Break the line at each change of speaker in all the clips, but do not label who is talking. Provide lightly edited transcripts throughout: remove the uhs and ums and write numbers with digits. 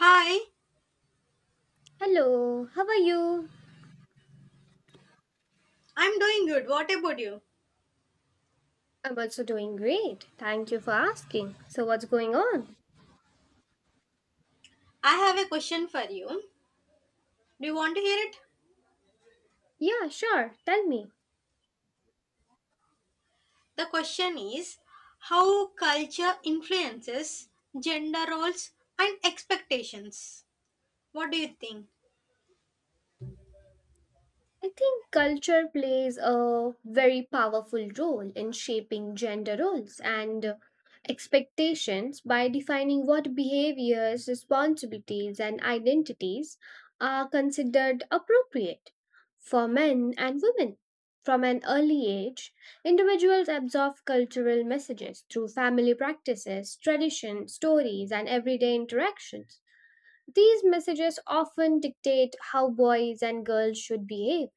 Hi,
Hello, how are you?
I'm doing good. What about you?
I'm also doing great. Thank you for asking. So, what's going on?
I have a question for you. Do you want to hear it?
Yeah, sure. Tell me.
The question is how culture influences gender roles and expectations. What do you think?
I think culture plays a very powerful role in shaping gender roles and expectations by defining what behaviors, responsibilities, and identities are considered appropriate for men and women. From an early age, individuals absorb cultural messages through family practices, traditions, stories, and everyday interactions. These messages often dictate how boys and girls should behave,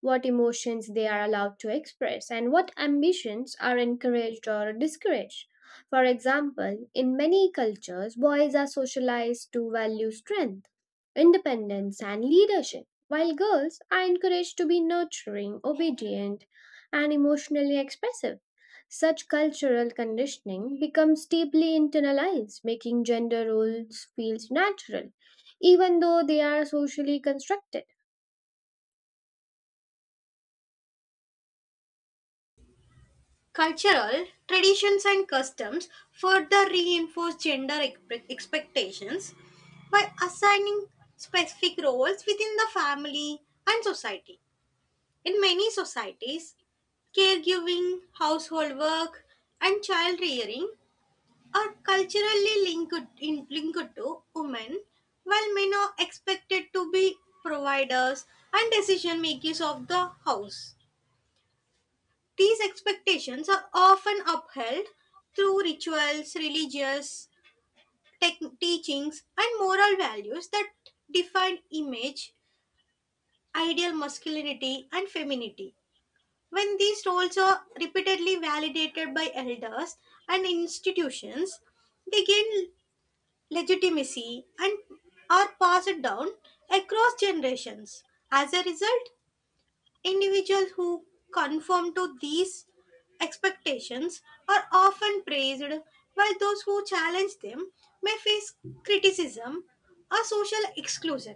what emotions they are allowed to express, and what ambitions are encouraged or discouraged. For example, in many cultures, boys are socialized to value strength, independence, and leadership, while girls are encouraged to be nurturing, obedient, and emotionally expressive. Such cultural conditioning becomes deeply internalized, making gender roles feel natural even though they are socially constructed.
Cultural traditions and customs further reinforce gender expectations by assigning specific roles within the family and society. In many societies, caregiving, household work, and child rearing are culturally linked to women, while men are expected to be providers and decision makers of the house. These expectations are often upheld through rituals, religious tech teachings, and moral values that define ideal masculinity, and femininity. When these roles are repeatedly validated by elders and institutions, they gain legitimacy and are passed down across generations. As a result, individuals who conform to these expectations are often praised, while those who challenge them may face criticism or social exclusion.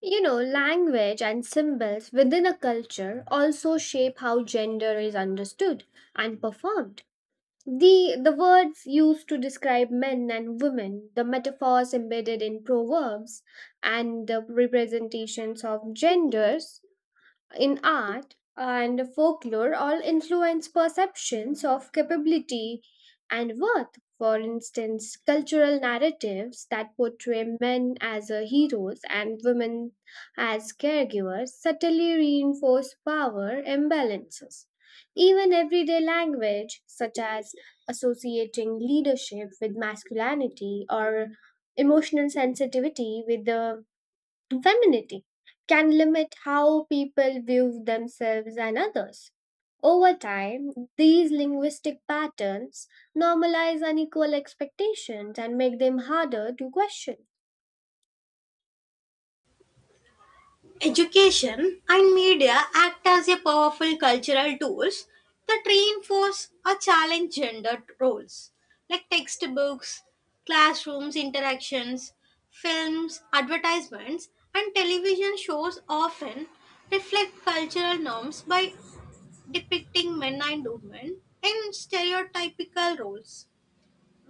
You know, language and symbols within a culture also shape how gender is understood and performed. The words used to describe men and women, the metaphors embedded in proverbs, and the representations of genders in art and folklore all influence perceptions of capability and worth. For instance, cultural narratives that portray men as heroes and women as caregivers subtly reinforce power imbalances. Even everyday language, such as associating leadership with masculinity or emotional sensitivity with the femininity, can limit how people view themselves and others. Over time, these linguistic patterns normalize unequal expectations and make them harder to question.
Education and media act as a powerful cultural tools that reinforce or challenge gender roles, like textbooks, classrooms interactions, films, advertisements, and television shows often reflect cultural norms by depicting men and women in stereotypical roles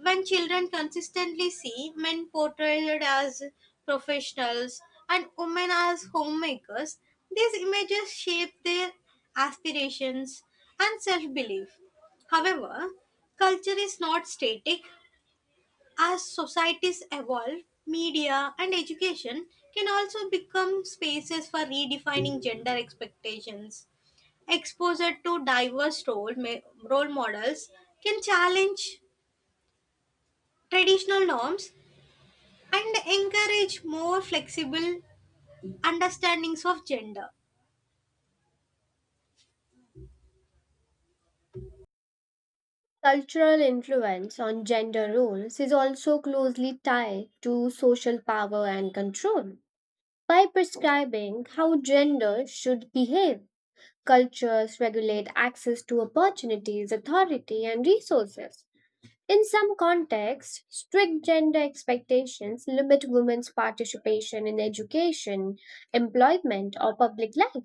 when children consistently see men portrayed as professionals and women as homemakers, these images shape their aspirations and self belief. However, culture is not static. As societies evolve, media and education can also become spaces for redefining gender expectations. Exposure to diverse role models can challenge traditional norms and encourage more flexible understandings of gender.
Cultural influence on gender roles is also closely tied to social power and control. By prescribing how gender should behave, cultures regulate access to opportunities, authority, and resources. In some contexts, strict gender expectations limit women's participation in education, employment, or public life,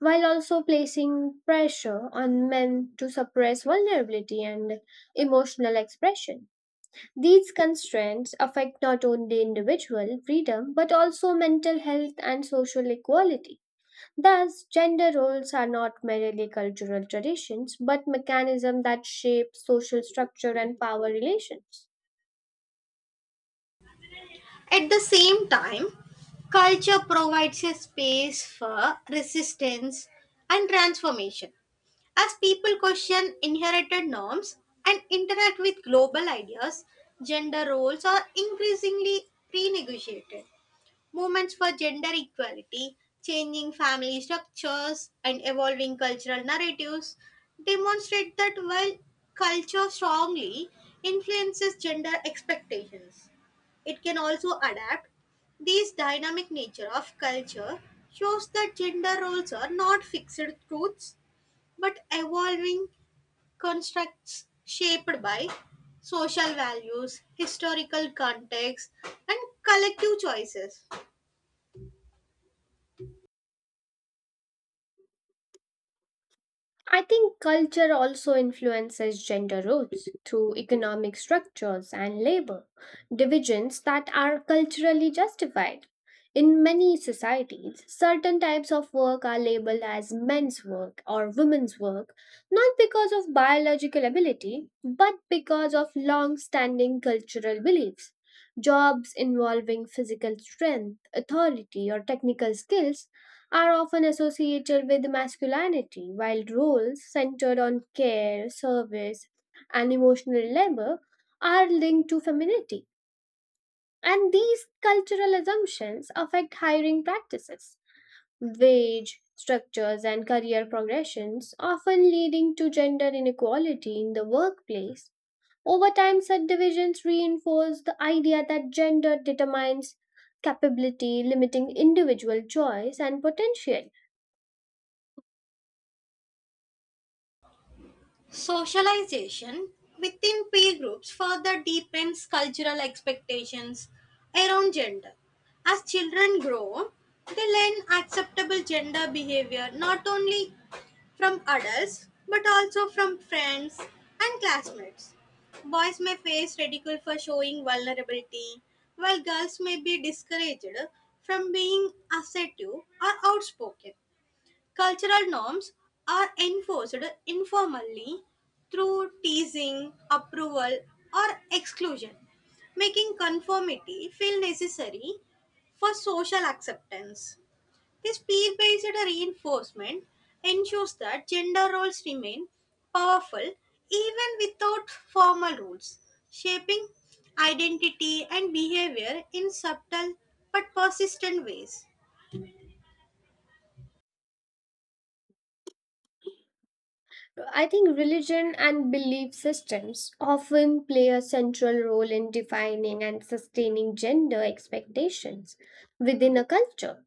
while also placing pressure on men to suppress vulnerability and emotional expression. These constraints affect not only individual freedom but also mental health and social equality. Thus, gender roles are not merely cultural traditions but mechanisms that shape social structure and power relations.
At the same time, culture provides a space for resistance and transformation. As people question inherited norms and interact with global ideas, gender roles are increasingly renegotiated. Movements for gender equality, changing family structures, and evolving cultural narratives demonstrate that while culture strongly influences gender expectations, it can also adapt. This dynamic nature of culture shows that gender roles are not fixed truths but evolving constructs shaped by social values, historical context, and collective choices.
I think culture also influences gender roles through economic structures and labor divisions that are culturally justified. In many societies, certain types of work are labeled as men's work or women's work, not because of biological ability, but because of long standing cultural beliefs. Jobs involving physical strength, authority, or technical skills are often associated with masculinity, while roles centered on care, service, and emotional labor are linked to femininity. And these cultural assumptions affect hiring practices, wage structures, and career progressions, often leading to gender inequality in the workplace. Over time, such divisions reinforce the idea that gender determines capability, limiting individual choice and potential.
Socialization within peer groups further deepens cultural expectations around gender. As children grow, they learn acceptable gender behavior not only from adults but also from friends and classmates. Boys may face ridicule for showing vulnerability, while girls may be discouraged from being assertive or outspoken. Cultural norms are enforced informally through teasing, approval, or exclusion, making conformity feel necessary for social acceptance. This peer based reinforcement ensures that gender roles remain powerful even without formal rules, shaping identity and behavior in subtle but persistent ways.
I think religion and belief systems often play a central role in defining and sustaining gender expectations within a culture.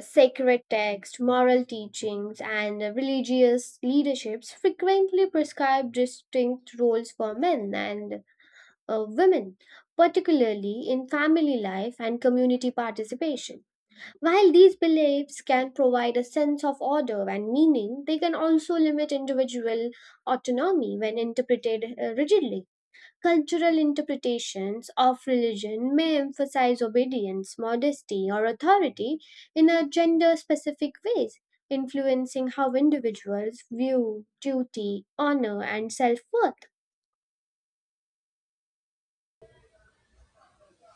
Sacred texts, moral teachings, and religious leaderships frequently prescribe distinct roles for men and women, particularly in family life and community participation. While these beliefs can provide a sense of order and meaning, they can also limit individual autonomy when interpreted rigidly. Cultural interpretations of religion may emphasize obedience, modesty, or authority in a gender specific ways, influencing how individuals view duty, honor, and self worth.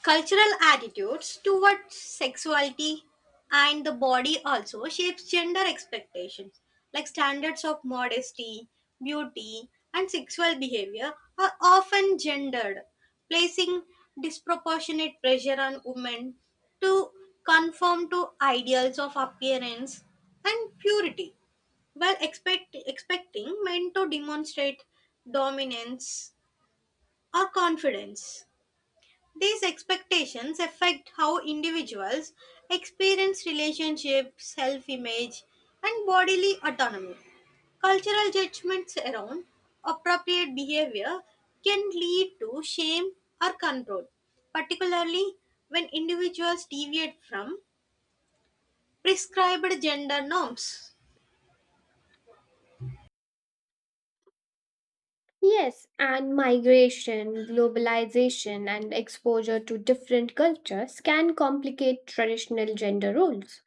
Cultural attitudes towards sexuality and the body also shapes gender expectations, like standards of modesty, beauty, and sexual behavior are often gendered, placing disproportionate pressure on women to conform to ideals of appearance and purity while expecting men to demonstrate dominance or confidence. These expectations affect how individuals experience relationships, self image, and bodily autonomy. Cultural judgments around appropriate behavior can lead to shame or control, particularly when individuals deviate from prescribed gender norms.
Yes, and migration, globalization, and exposure to different cultures can complicate traditional gender roles.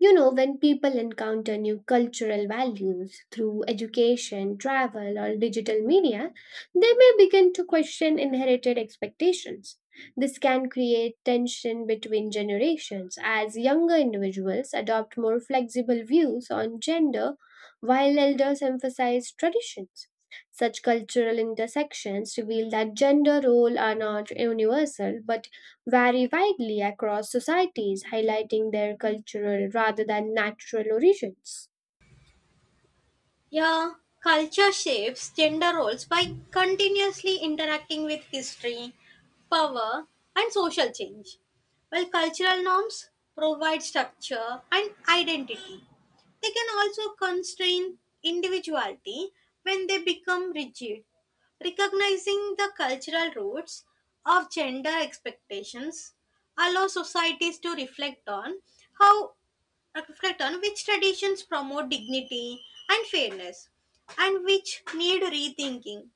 You know, when people encounter new cultural values through education, travel, or digital media, they may begin to question inherited expectations. This can create tension between generations as younger individuals adopt more flexible views on gender while elders emphasize traditions. Such cultural intersections reveal that gender roles are not universal but vary widely across societies, highlighting their cultural rather than natural origins.
Yeah, culture shapes gender roles by continuously interacting with history, power, and social change. While cultural norms provide structure and identity, they can also constrain individuality when they become rigid. Recognizing the cultural roots of gender expectations allows societies to how reflect on which traditions promote dignity and fairness and which need rethinking.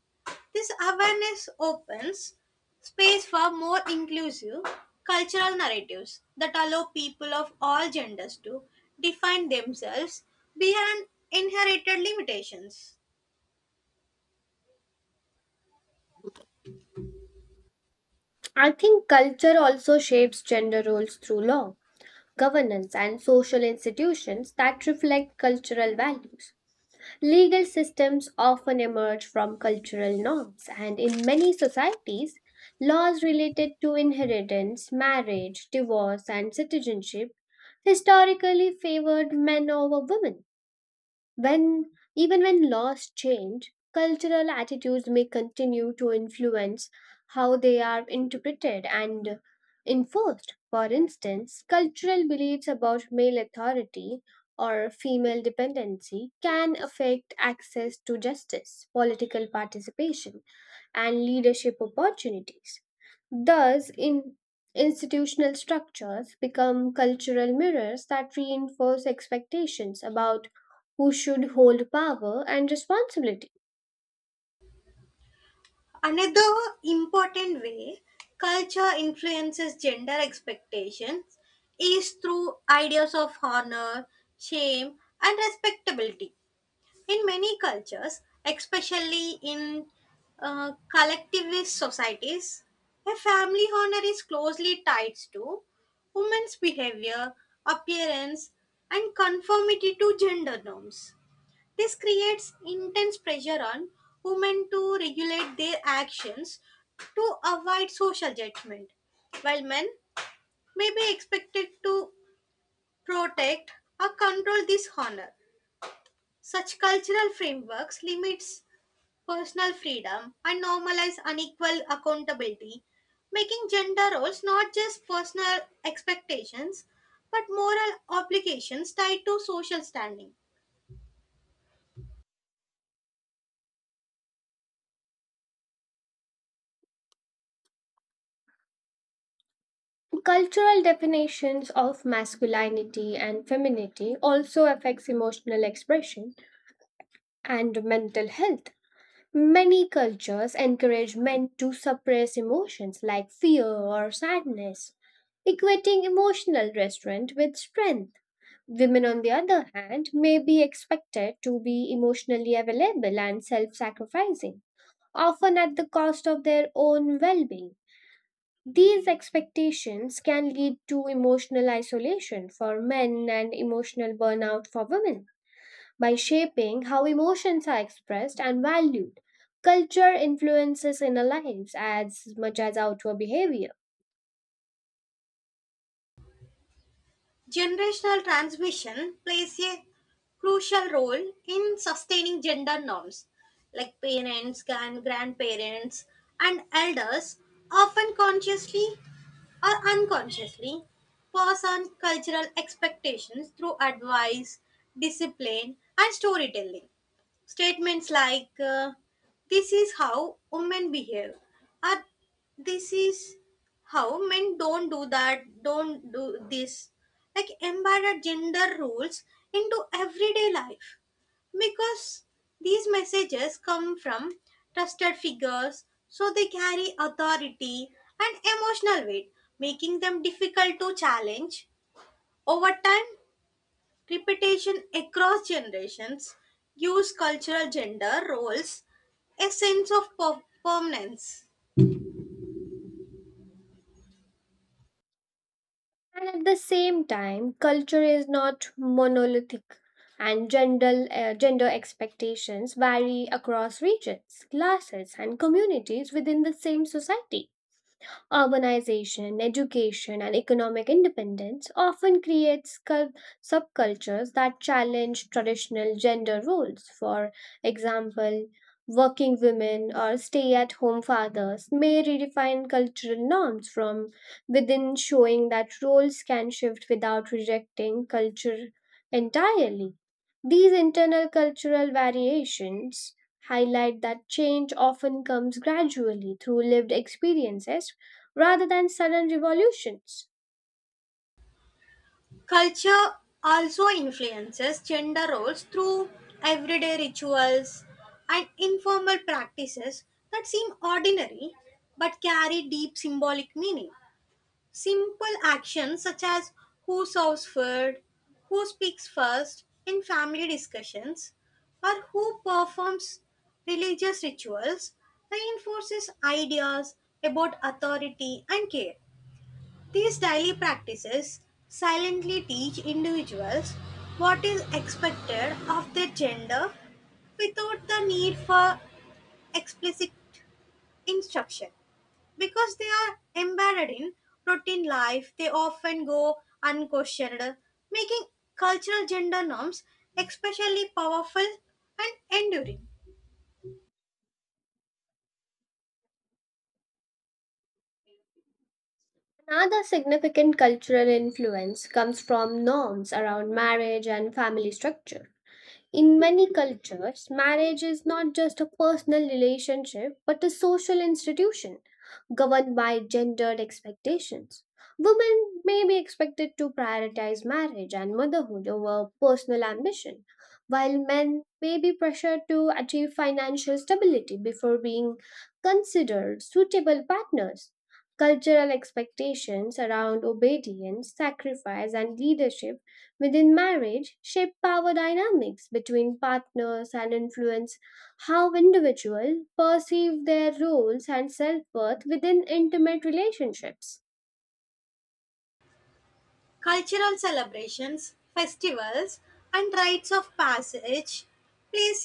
This awareness opens space for more inclusive cultural narratives that allow people of all genders to define themselves beyond inherited limitations.
I think culture also shapes gender roles through law, governance, and social institutions that reflect cultural values. Legal systems often emerge from cultural norms, and in many societies, laws related to inheritance, marriage, divorce, and citizenship historically favored men over women. When even when laws change, cultural attitudes may continue to influence how they are interpreted and enforced. For instance, cultural beliefs about male authority or female dependency can affect access to justice, political participation, and leadership opportunities. Thus, in institutional structures become cultural mirrors that reinforce expectations about who should hold power and responsibility.
Another important way culture influences gender expectations is through ideas of honor, shame, and respectability. In many cultures, especially in collectivist societies, a family honor is closely tied to women's behavior, appearance, and conformity to gender norms. This creates intense pressure on women to regulate their actions to avoid social judgment, while men may be expected to protect or control this honor. Such cultural frameworks limits personal freedom and normalize unequal accountability, making gender roles not just personal expectations but moral obligations tied to social standing.
Cultural definitions of masculinity and femininity also affects emotional expression and mental health. Many cultures encourage men to suppress emotions like fear or sadness, equating emotional restraint with strength. Women, on the other hand, may be expected to be emotionally available and self sacrificing, often at the cost of their own well being. These expectations can lead to emotional isolation for men and emotional burnout for women. By shaping how emotions are expressed and valued, culture influences inner lives as much as outward behavior.
Generational transmission plays a crucial role in sustaining gender norms, like parents, grandparents, and elders often consciously or unconsciously pass on cultural expectations through advice, discipline, and storytelling. Statements like, "This is how women behave," or "This is how men don't do this," like embedded gender rules into everyday life. Because these messages come from trusted figures, so they carry authority and emotional weight, making them difficult to challenge. Over time, repetition across generations gives cultural gender roles a sense of permanence.
And at the same time, culture is not monolithic, and gender expectations vary across regions, classes, and communities within the same society. Urbanization, education, and economic independence often creates subcultures that challenge traditional gender roles. For example, working women or stay at home fathers may redefine cultural norms from within, showing that roles can shift without rejecting culture entirely. These internal cultural variations highlight that change often comes gradually through lived experiences rather than sudden revolutions.
Culture also influences gender roles through everyday rituals and informal practices that seem ordinary but carry deep symbolic meaning. Simple actions such as who serves food, who speaks first in family discussions, or who performs religious rituals reinforces ideas about authority and care. These daily practices silently teach individuals what is expected of their gender without the need for explicit instruction. Because they are embedded in routine life, they often go unquestioned, making cultural gender norms especially powerful and enduring.
Another significant cultural influence comes from norms around marriage and family structure. In many cultures, marriage is not just a personal relationship but a social institution governed by gendered expectations. Women may be expected to prioritize marriage and motherhood over personal ambition, while men may be pressured to achieve financial stability before being considered suitable partners. Cultural expectations around obedience, sacrifice, and leadership within marriage shape power dynamics between partners and influence how individuals perceive their roles and self-worth within intimate relationships.
Cultural celebrations, festivals, and rites of passage plays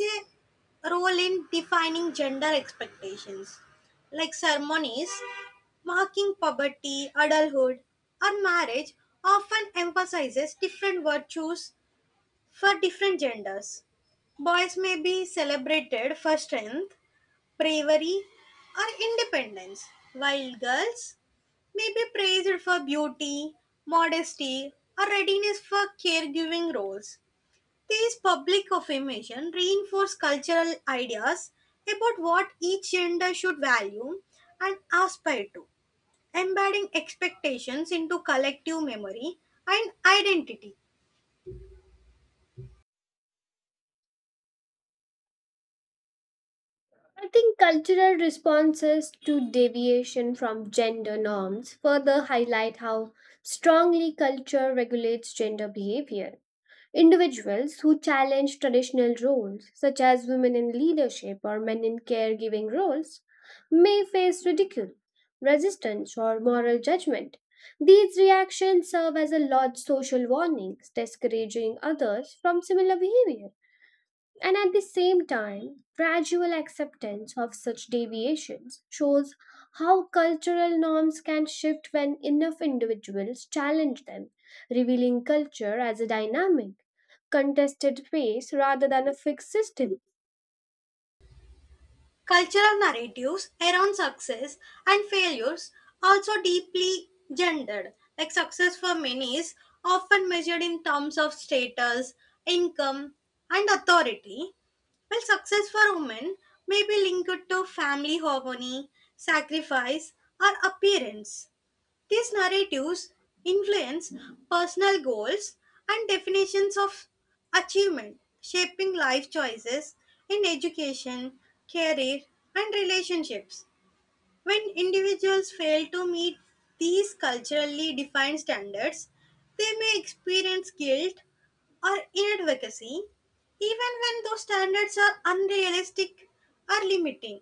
a role in defining gender expectations, like ceremonies marking puberty, adulthood, or marriage often emphasizes different virtues for different genders. Boys may be celebrated for strength bravery, or independence, while girls may be praised for beauty, modesty, or readiness for caregiving roles. These public affirmation reinforce cultural ideas about what each gender should value and aspire to, embedding expectations into collective memory and identity.
I think cultural responses to deviation from gender norms further highlight how strongly culture regulates gender behavior. Individuals who challenge traditional roles, such as women in leadership or men in caregiving roles, may face ridicule, resistance, or moral judgment. These reactions serve as a large social warning, discouraging others from similar behavior. And at the same time, gradual acceptance of such deviations shows how cultural norms can shift when enough individuals challenge them, revealing culture as a dynamic, contested space rather than a fixed system.
Cultural narratives around success and failures also deeply gendered. Like success for many is often measured in terms of status, income, and authority, while success for women may be linked to family harmony, sacrifice, or appearance. These narratives influence personal goals and definitions of achievement, shaping life choices in education, career, and relationships. When individuals fail to meet these culturally defined standards, they may experience guilt or inadvocacy, even when those standards are unrealistic or limiting.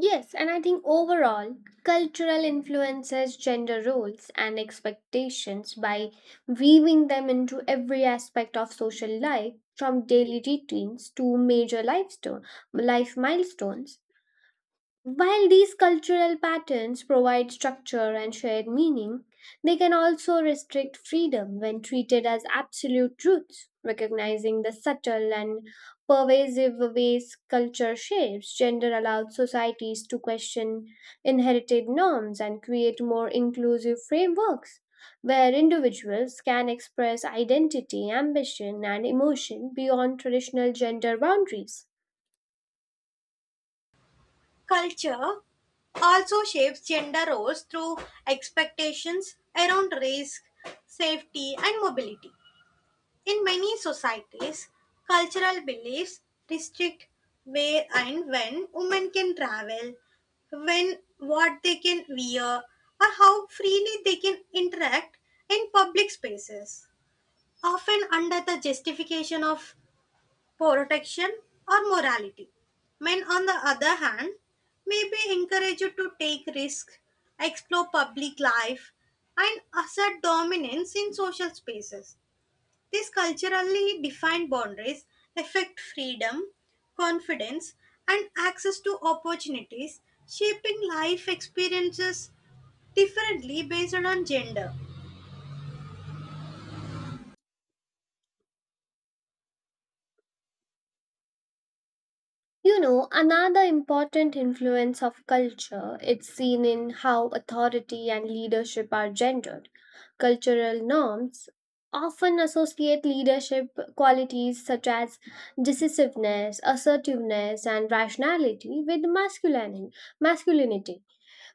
Yes, and I think overall, cultural influences gender roles and expectations by weaving them into every aspect of social life, from daily routines to major life milestones. While these cultural patterns provide structure and shared meaning, they can also restrict freedom when treated as absolute truths. Recognizing the subtle and pervasive ways culture shapes gender allows societies to question inherited norms and create more inclusive frameworks where individuals can express identity, ambition, and emotion beyond traditional gender boundaries.
Culture also shapes gender roles through expectations around risk, safety, and mobility. In many societies, cultural beliefs restrict where and when women can travel, when what they can wear, or how freely they can interact in public spaces, often under the justification of protection, or morality. Men, on the other hand, may be encouraged to take risks, explore public life, and assert dominance in social spaces. These culturally defined boundaries affect freedom, confidence, and access to opportunities, shaping life experiences differently based on gender.
You know, another important influence of culture, it's seen in how authority and leadership are gendered. Cultural norms often associate leadership qualities such as decisiveness, assertiveness, and rationality with masculinity. masculinity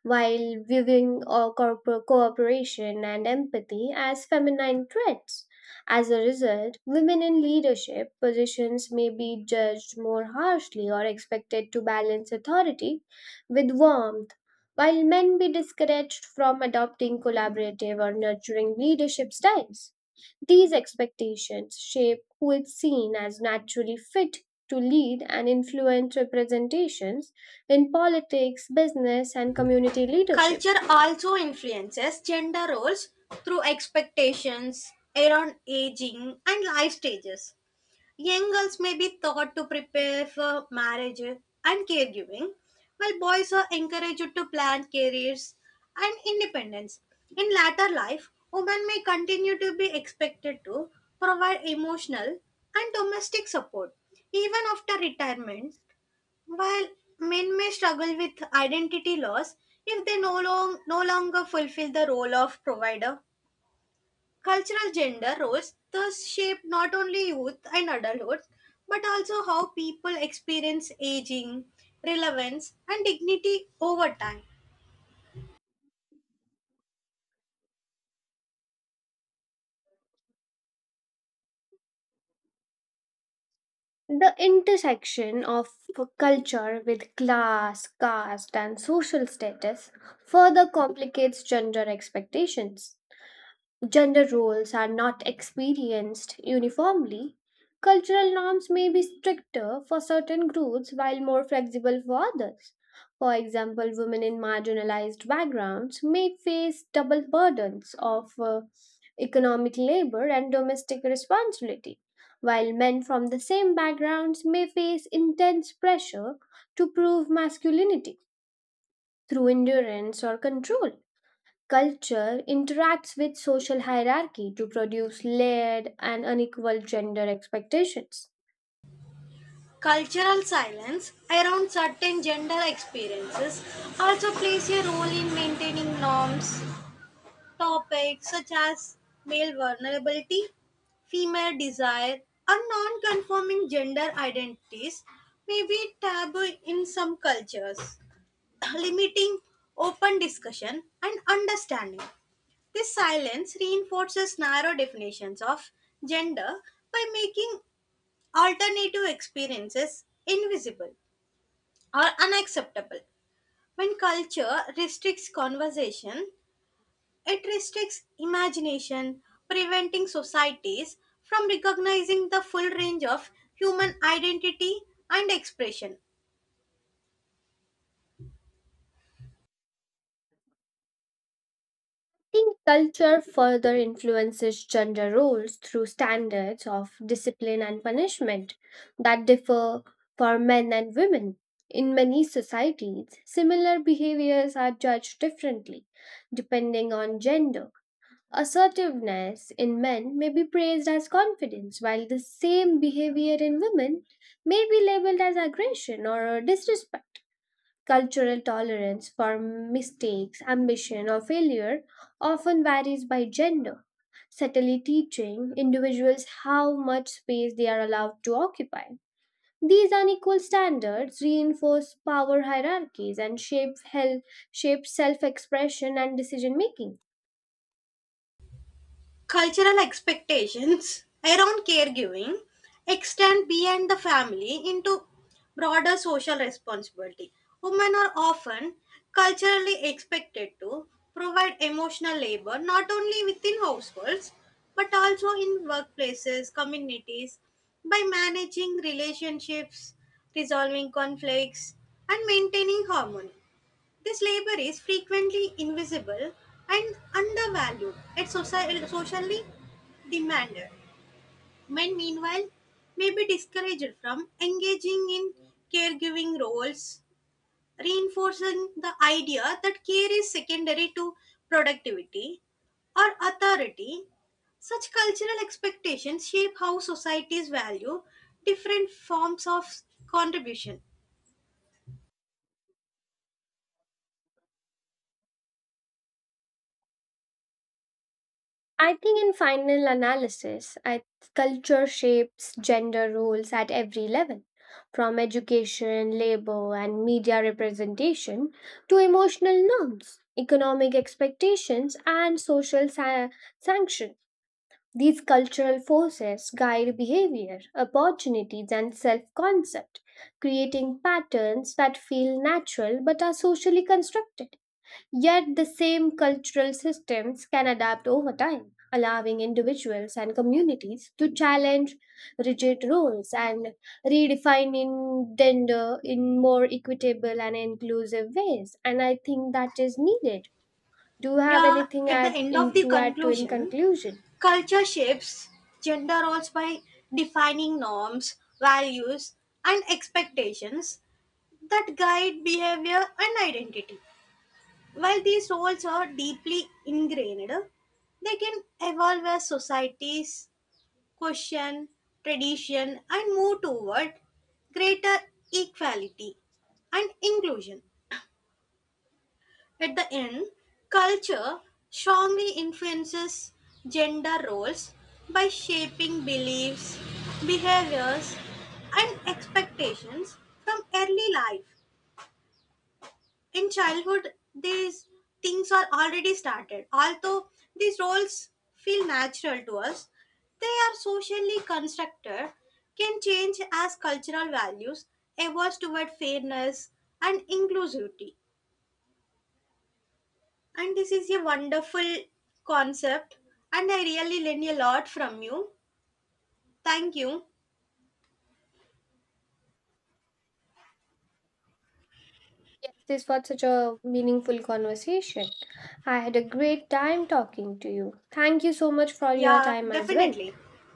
while viewing cooperation and empathy as feminine traits. As a result, women in leadership positions may be judged more harshly or expected to balance authority with warmth, while men be discouraged from adopting collaborative or nurturing leadership styles. These expectations shape who is seen as naturally fit to lead and influence representations in politics, business, and community leadership.
Culture also influences gender roles through expectations around aging and life stages. Young girls may be taught to prepare for marriage and caregiving, while boys are encouraged to plan careers and independence. In latter life, women may continue to be expected to provide emotional and domestic support even after retirement while men may struggle with identity loss if they no longer fulfill the role of provider, cultural gender roles thus shape not only youth and adulthood but also how people experience aging, relevance, and dignity over time.
The intersection of culture with class, caste, and social status further complicates gender expectations. Gender roles are not experienced uniformly. Cultural norms may be stricter for certain groups while more flexible for others. For example, women in marginalized backgrounds may face double burdens of economic labor and domestic responsibility, while men from the same backgrounds may face intense pressure to prove masculinity through endurance or control. Culture interacts with social hierarchy to produce layered and unequal gender expectations.
Cultural silence around certain gender experiences also plays a role in maintaining norms, topics such as male vulnerability, female desire, or non conforming gender identities may be taboo in some cultures, limiting open discussion and understanding. This silence reinforces narrow definitions of gender by making alternative experiences invisible or unacceptable. When culture restricts conversation, it restricts imagination, preventing societies from recognizing the full range of human identity and expression.
I think culture further influences gender roles through standards of discipline and punishment that differ for men and women. In many societies, similar behaviors are judged differently depending on gender. Assertiveness in men may be praised as confidence, while the same behavior in women may be labeled as aggression or disrespect. Cultural tolerance for mistakes, ambition, or failure often varies by gender, subtly teaching individuals how much space they are allowed to occupy. These unequal standards reinforce power hierarchies and shape self expression and decision making.
Cultural expectations around caregiving extend beyond the family into broader social responsibility. Women are often culturally expected to provide emotional labor not only within households but also in workplaces, communities by managing relationships, resolving conflicts, and maintaining harmony. This labor is frequently invisible and undervalued and socially demanded. Men, meanwhile, may be discouraged from engaging in caregiving roles, reinforcing the idea that care is secondary to productivity or authority. Such cultural expectations shape how societies value different forms of contribution.
I think in final analysis, culture shapes gender roles at every level, from education, labor, and media representation to emotional norms, economic expectations, and social sanctions. These cultural forces guide behavior, opportunities, and self concept, creating patterns that feel natural but are socially constructed. Yet, the same cultural systems can adapt over time, allowing individuals and communities to challenge rigid roles and redefining gender in more equitable and inclusive ways. And I think that is needed. Do you have
Yeah,
anything
at the
add
end of
in,
the
to add to in
conclusion,
conclusion?
culture shapes gender roles by defining norms, values, and expectations that guide behavior and identity. While these roles are deeply ingrained, they can evolve as societies question, tradition, and move toward greater equality and inclusion. At the end, culture strongly influences gender roles by shaping beliefs, behaviors, and expectations from early life. In childhood, these things are already started. Although these roles feel natural to us, they are socially constructed, can change as cultural values evolve toward fairness and inclusivity. And this is a wonderful concept, and I really learned a lot from you. Thank you.
Yes, this was such a meaningful conversation. I had a great time talking to you. Thank you so much for your
Yeah,
time as well.
definitely.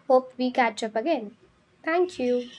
Hope we catch up again. Thank you.